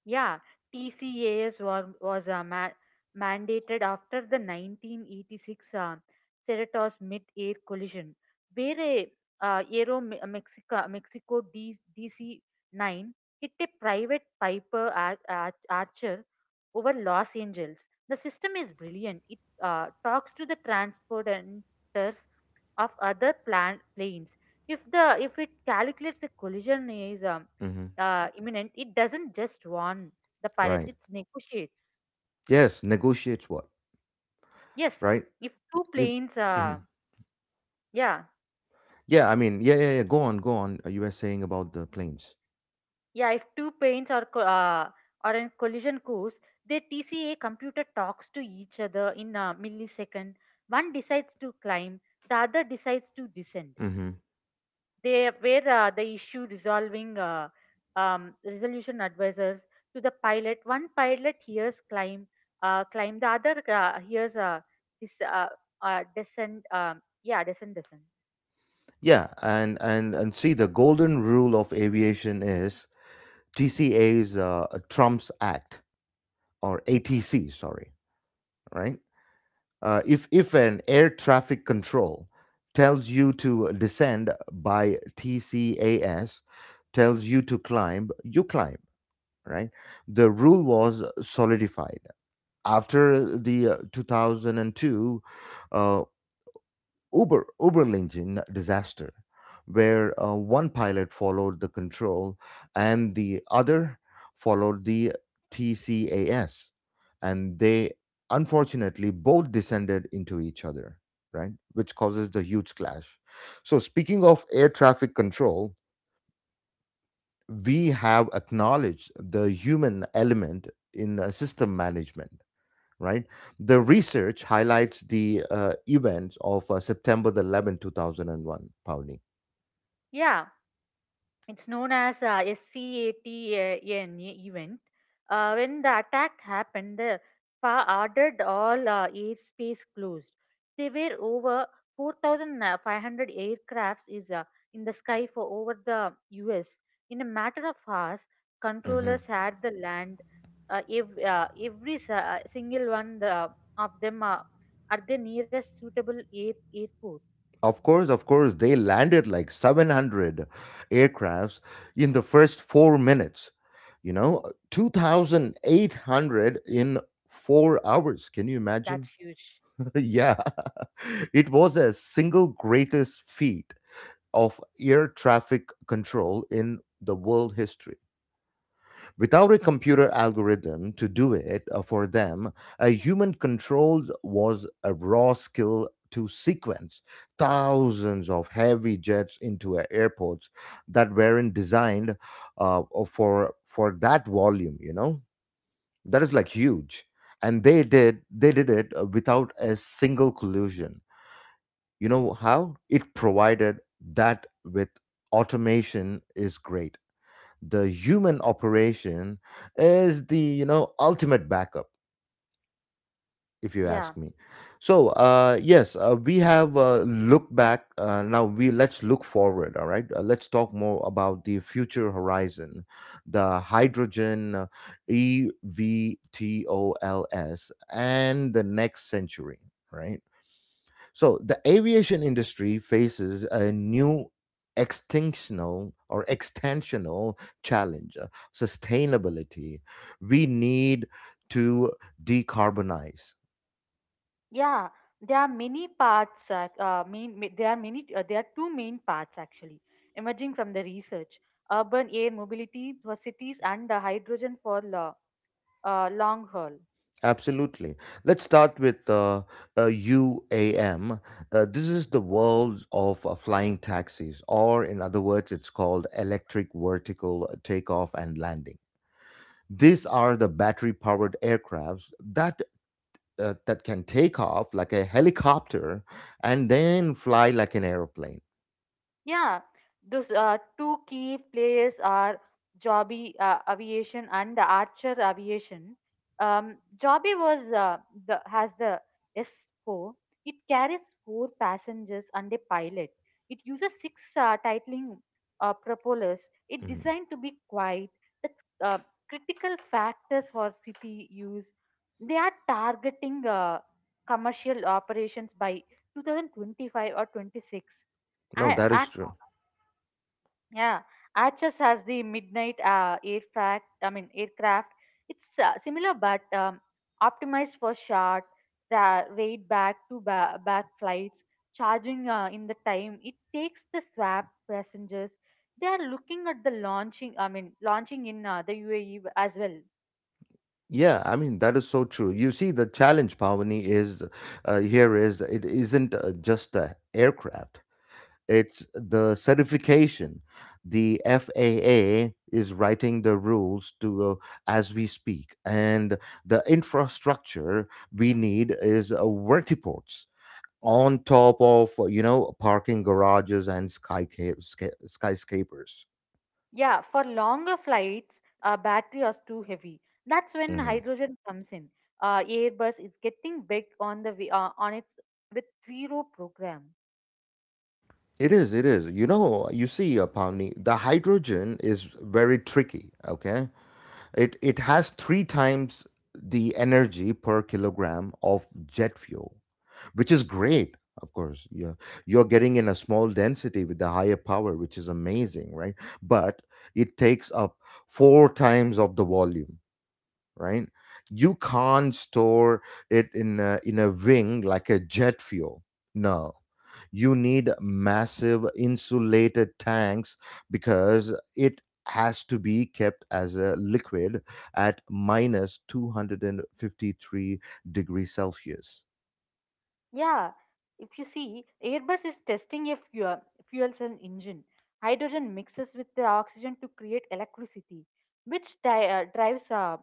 S2: Yeah, TCAS was mandated after the 1986 Cerritos mid-air collision, where a Aero Mexico DC-9 hit a private Piper Archer over Los Angeles. The system is brilliant. It talks to the transporters of other planes. If it calculates the collision is
S1: Hmm.
S2: imminent, it doesn't just warn the pilots;
S1: Right.
S2: it negotiates.
S1: Yes, negotiates what?
S2: Yes,
S1: Right?
S2: if two
S1: You,
S2: planes,
S1: mhm.
S2: yeah,
S1: Yeah, go on, go on. You were saying about the planes.
S2: yeah, if two planes are are in collision course, their TCA computer talks to each other in a millisecond. One decides to climb, the other decides to descend. They were the issue resolving resolution advisors to the pilot. One pilot hears climb, climb. The other hears this descend. Yeah, descend, descend.
S1: Yeah, and see, the golden rule of aviation is TCA's Trump's Act or ATC. Sorry, right? If an air traffic control tells you to descend by TCAS, tells you to climb, you climb. Right? The rule was solidified after the 2002 uh, Uberlingen disaster, where one pilot followed the control and the other followed the TCAS, and they unfortunately both descended into each other, right? Which causes the huge clash. So speaking of air traffic control, we have acknowledged the human element in system management, right? The research highlights the events of September the 11th, 2001, Pauli.
S2: Yeah, it's known as SCATAN event. When the attack happened, the FA ordered all airspace closed. There were over 4,500 aircrafts is in the sky for over the U.S. In a matter of hours,
S1: Hmm.
S2: controllers had the land. Every single one of them at the nearest suitable airport.
S1: Of course, they landed like 700 aircrafts in the first 4 minutes. You know, 2,800 in 4 hours. Can you
S2: That's
S1: imagine?
S2: huge.
S1: Yeah, it was a single greatest feat of air traffic control in the world history without a computer algorithm to do it for them. A human controls was a raw skill to sequence thousands of heavy jets into a airports that weren't designed for that volume. You know that is like huge, and they did it without a single collusion. You know how it provided that. With automation is great, the human operation is the you know ultimate backup if you ask
S2: Yeah.
S1: me. So we have looked back, now we let's look forward. All right, let's talk more about the future horizon, the hydrogen evtols and the next century, right? So the aviation industry faces a new extinctional or extensional challenge, sustainability. We need to decarbonize.
S2: Yeah, there are many parts. There are many. There are two main parts actually emerging from the research: urban air mobility for cities, and hydrogen for long haul.
S1: Absolutely. Let's start with UAM. This is the world of flying taxis, or in other words, it's called electric vertical takeoff and landing. These are the battery powered aircrafts that that can take off like a helicopter and then fly like an airplane.
S2: Yeah, those two key players are Joby Aviation and Archer Aviation. Joby was the has the S4. It carries four passengers and a pilot. It uses six titling propellers. It
S1: Mhm.
S2: designed to be quiet. That's critical factors for city use. They are targeting commercial operations by 2025 or 26.
S1: No, that
S2: I
S1: is true.
S2: Yeah, Archers has the midnight aircraft. I mean aircraft. It's similar but optimized for short, raid back to back flights, charging in the time it takes the swap passengers. They are looking at the launching. I mean launching in the UAE as well.
S1: Yeah, I mean that is so true. You see, the challenge, Pavani, is here is it isn't just the aircraft; it's the certification. The FAA is writing the rules to as we speak, and the infrastructure we need is vertiports on top of you know parking garages and skyscrapers.
S2: Yeah, for longer flights, battery is too heavy. That's when
S1: Hmm.
S2: hydrogen comes in. Airbus is getting big on its with zero program.
S1: It is, it is. You know, you see, Pavni, the hydrogen is very tricky. Okay, it has three times the energy per kilogram of jet fuel, which is great. Of course, you're getting in a small density with the higher power, which is amazing, right? But it takes up four times of the volume. Right? You can't store it in in a wing like a jet fuel. No. You need massive insulated tanks because it has to be kept as a liquid at minus 253 degrees Celsius.
S2: Yeah, if you see, Airbus is testing a fuel cell engine. Hydrogen mixes with the oxygen to create electricity, which drives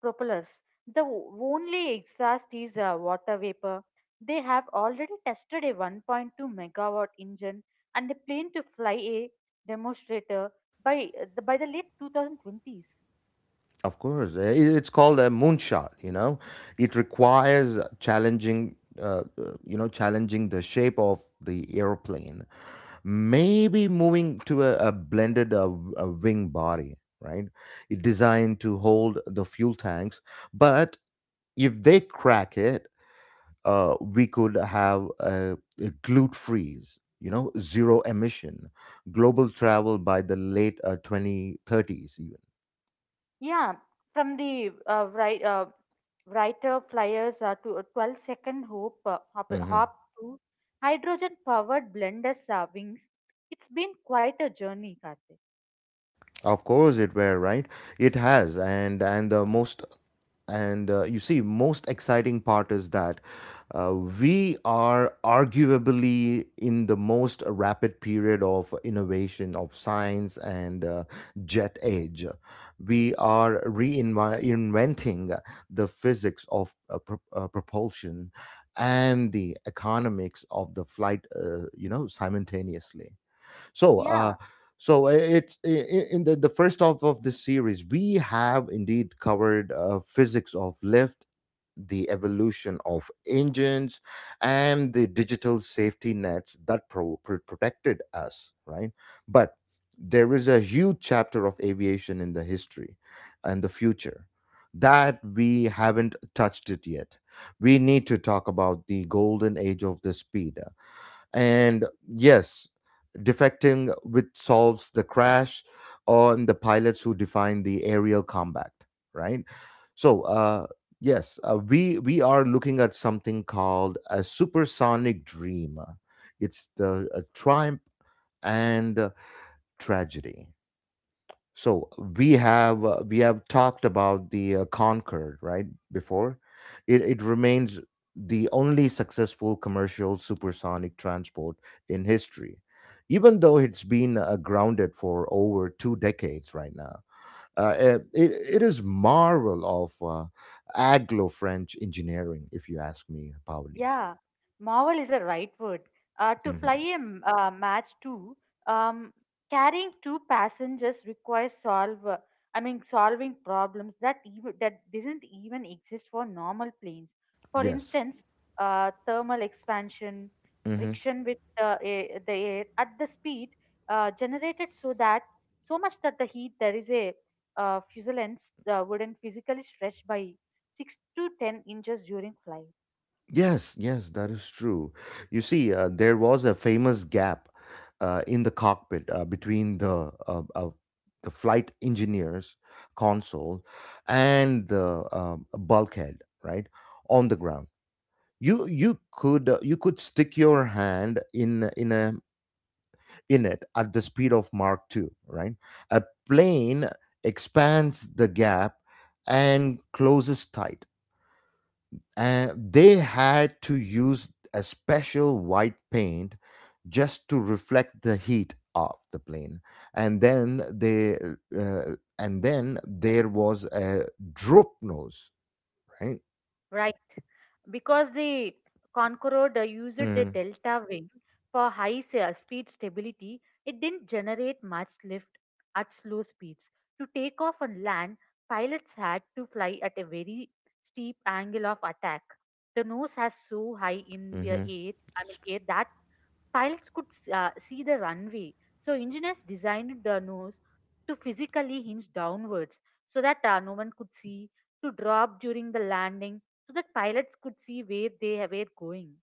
S2: propellers. The only exhaust is water vapor. They have already tested a 1.2 megawatt engine and a plane to fly a demonstrator by the late 2020s.
S1: Of course, it's called a moonshot. You know, it requires challenging, challenging the shape of the airplane. Maybe moving to a blended a wing body, right? It designed to hold the fuel tanks, but if they crack it, we could have a glute freeze. You know, zero emission, global travel by the late 2030s, even.
S2: Yeah, from the writer flyers to a 12 second hop to hydrogen powered blenders wings. It's been quite a journey, Karthik.
S1: Of course it were, right? It has and the most and you see most exciting part is that we are arguably in the most rapid period of innovation of science and jet age. We are reinventing the physics of propulsion and the economics of the flight, simultaneously. So,
S2: Yeah.
S1: so I- it's I- in the first half of this series, we have indeed covered physics of lift, the evolution of engines, and the digital safety nets that protected us, right? But there is a huge chapter of aviation in the history and the future that we haven't touched it yet. We need to talk about the golden age of the speed. And yes, defecting which solves the crash on the pilots who define the aerial combat, right? So, yes, we are looking at something called a supersonic dream. It's the a triumph and tragedy. So we have talked about the Concord right before. It remains the only successful commercial supersonic transport in history, even though it's been grounded for over two decades right now. It is marvel of Anglo-French engineering, if you ask me, Pauli.
S2: Yeah, marvel is the right word. To fly
S1: Hmm.
S2: a match two, um, carrying two passengers requires solving problems that even that doesn't even exist for normal planes. For
S1: Yes.
S2: instance, thermal expansion,
S1: Hmm.
S2: friction with the air at the speed generated so much that the heat there is a fuselage wouldn't physically stretch by 6 to 10 inches during flight.
S1: Yes, yes, that is true. You see, there was a famous gap in the cockpit between the flight engineer's console and the bulkhead, right on the ground. You could you could stick your hand in it at the speed of Mark two, right? A plane expands the gap and closes tight, they had to use a special white paint just to reflect the heat of the plane, and then they and then there was a droop nose, right.
S2: Right, because the Concorde used the
S1: Hmm.
S2: delta wing for high speed stability, it didn't generate much lift at slow speeds. To take off and land, pilots had to fly at a very steep angle of attack. The nose has so high in the
S1: Hmm.
S2: air, I mean air that pilots could see the runway, so engineers designed the nose to physically hinge downwards so that no one could see, to drop during the landing so that pilots could see where they were going.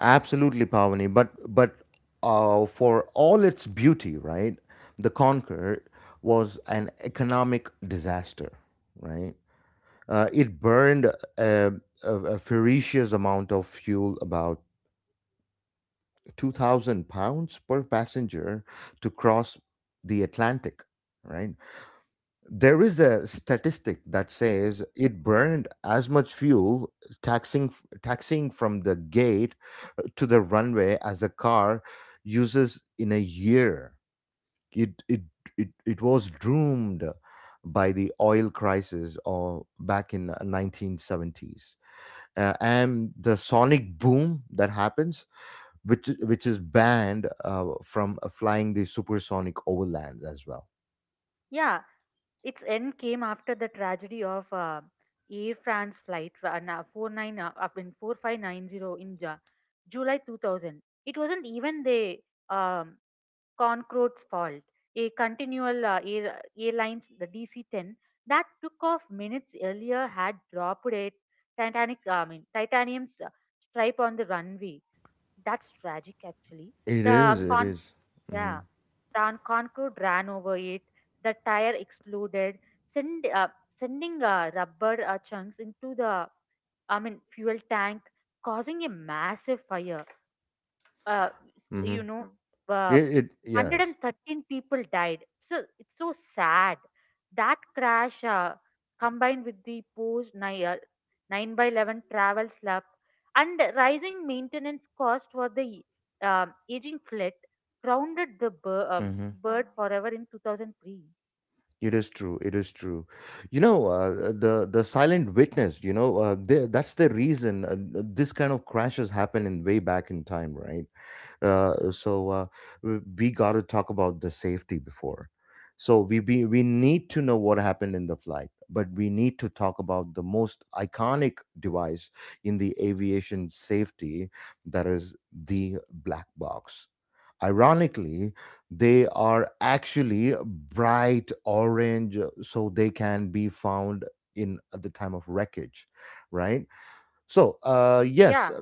S1: Absolutely, pavani, but for all its beauty, right, the Concorde was an economic disaster, right. It burned a, a ferocious amount of fuel, about 2,000 pounds per passenger to cross the Atlantic, right? There is a statistic that says it burned as much fuel taxing taxiing from the gate to the runway as a car uses in a year. It it it was doomed by the oil crisis or back in 1970s, and the sonic boom that happens which is banned from flying the supersonic overland as well.
S2: Yeah, its end came after the tragedy of Air France flight uh, na- 49 uh, up in 4590 in July 2000. It wasn't even the um, Concord's fault. A continual airlines, the DC-10, that took off minutes earlier had dropped a titanium's stripe on the runway. That's tragic, actually.
S1: It
S2: The
S1: is.
S2: Mm-hmm.
S1: It
S2: Mhm.
S1: is. Mm-hmm.
S2: Yeah, the Concorde ran over it. The tire exploded, send, uh, sending rubber chunks into fuel tank, causing a massive fire uh, s-
S1: Mm-hmm.
S2: you know, Mm.
S1: It, yes.
S2: 113 people died. So it's so sad. That crash combined with the post 9 by 11 travel slump and rising maintenance cost for the aging fleet grounded the
S1: Mm-hmm.
S2: bird forever in 2003.
S1: It is true. It is true. You know, the silent witness. You know, the that's the reason this kind of crashes happen in way back in time, right? So we got to talk about the safety before, so we need to know what happened in the flight, but we need to talk about the most iconic device in the aviation safety, that is the black box. Ironically they are actually bright orange, so they can be found in at the time of wreckage, right. so uh yes
S2: Yeah.
S1: uh,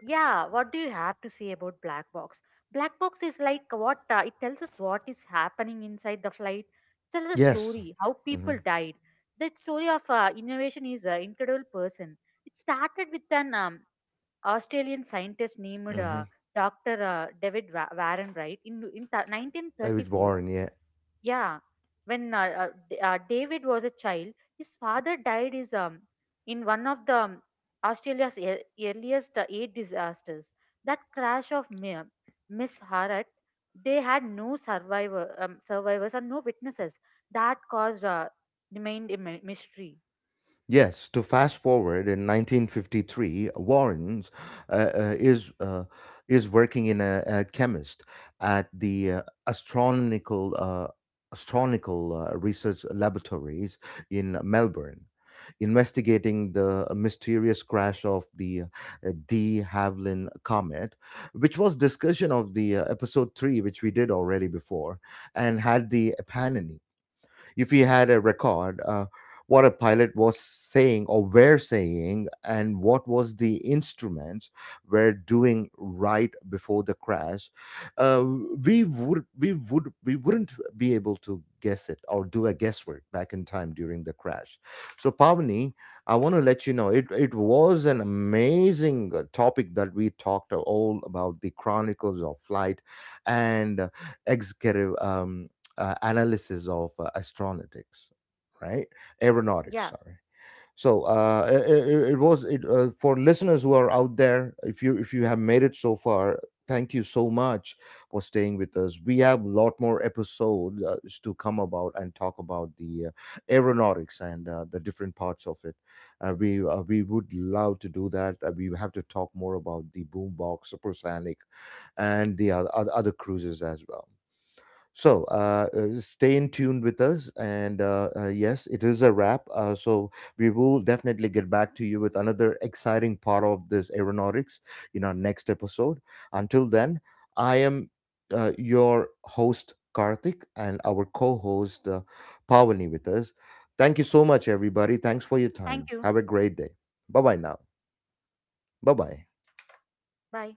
S2: Yeah, what do you have to say about black box? Black box is like what it tells us what is happening inside the flight. It tells a
S1: yes.
S2: story how
S1: Hmm.
S2: people died. The story of innovation is an incredible person. It started with an Australian scientist named
S1: Hmm.
S2: Dr. David Warren Wright in
S1: It was born
S2: 1934.
S1: boring, yeah.
S2: Yeah, when David was a child, his father died is in one of the Australia's earliest eight disasters. That crash of Miss Harat, they had no survivors and no witnesses. That caused remained a mystery.
S1: Yes, to fast forward, in 1953, Warren's uh, uh, is uh, is working in a chemist at the astronomical research laboratories in Melbourne, investigating the mysterious crash of the de Havilland comet, which was discussion of the episode three, which we did already before, and had the eponymous. If we had a record what a pilot was saying or were saying and what was the instruments were doing right before the crash, uh, we wouldn't be able to guess it or do a guesswork back in time during the crash. So pavani, I want to let you know it, it was an amazing topic that we talked all about the chronicles of flight and executive analysis of astronautics, right? Aeronautics,
S2: Yeah,
S1: sorry. So it I- it, was it, For listeners who are out there. If you have made it so far, thank you so much for staying with us. We have a lot more episodes to come about and talk about the aeronautics and the different parts of it. We would love to do that. We have to talk more about the boombox, supersonic, and the other cruises as well. So, stay in tune with us. And yes, it is a wrap. We will definitely get back to you with another exciting part of this aeronautics in our next episode. Until then, I am your host, Karthik, and our co host, Pavani, with us. Thank you so much, everybody. Thanks for your
S2: thank
S1: time.
S2: you.
S1: Have a great day. Bye bye now. Bye bye.
S2: Bye.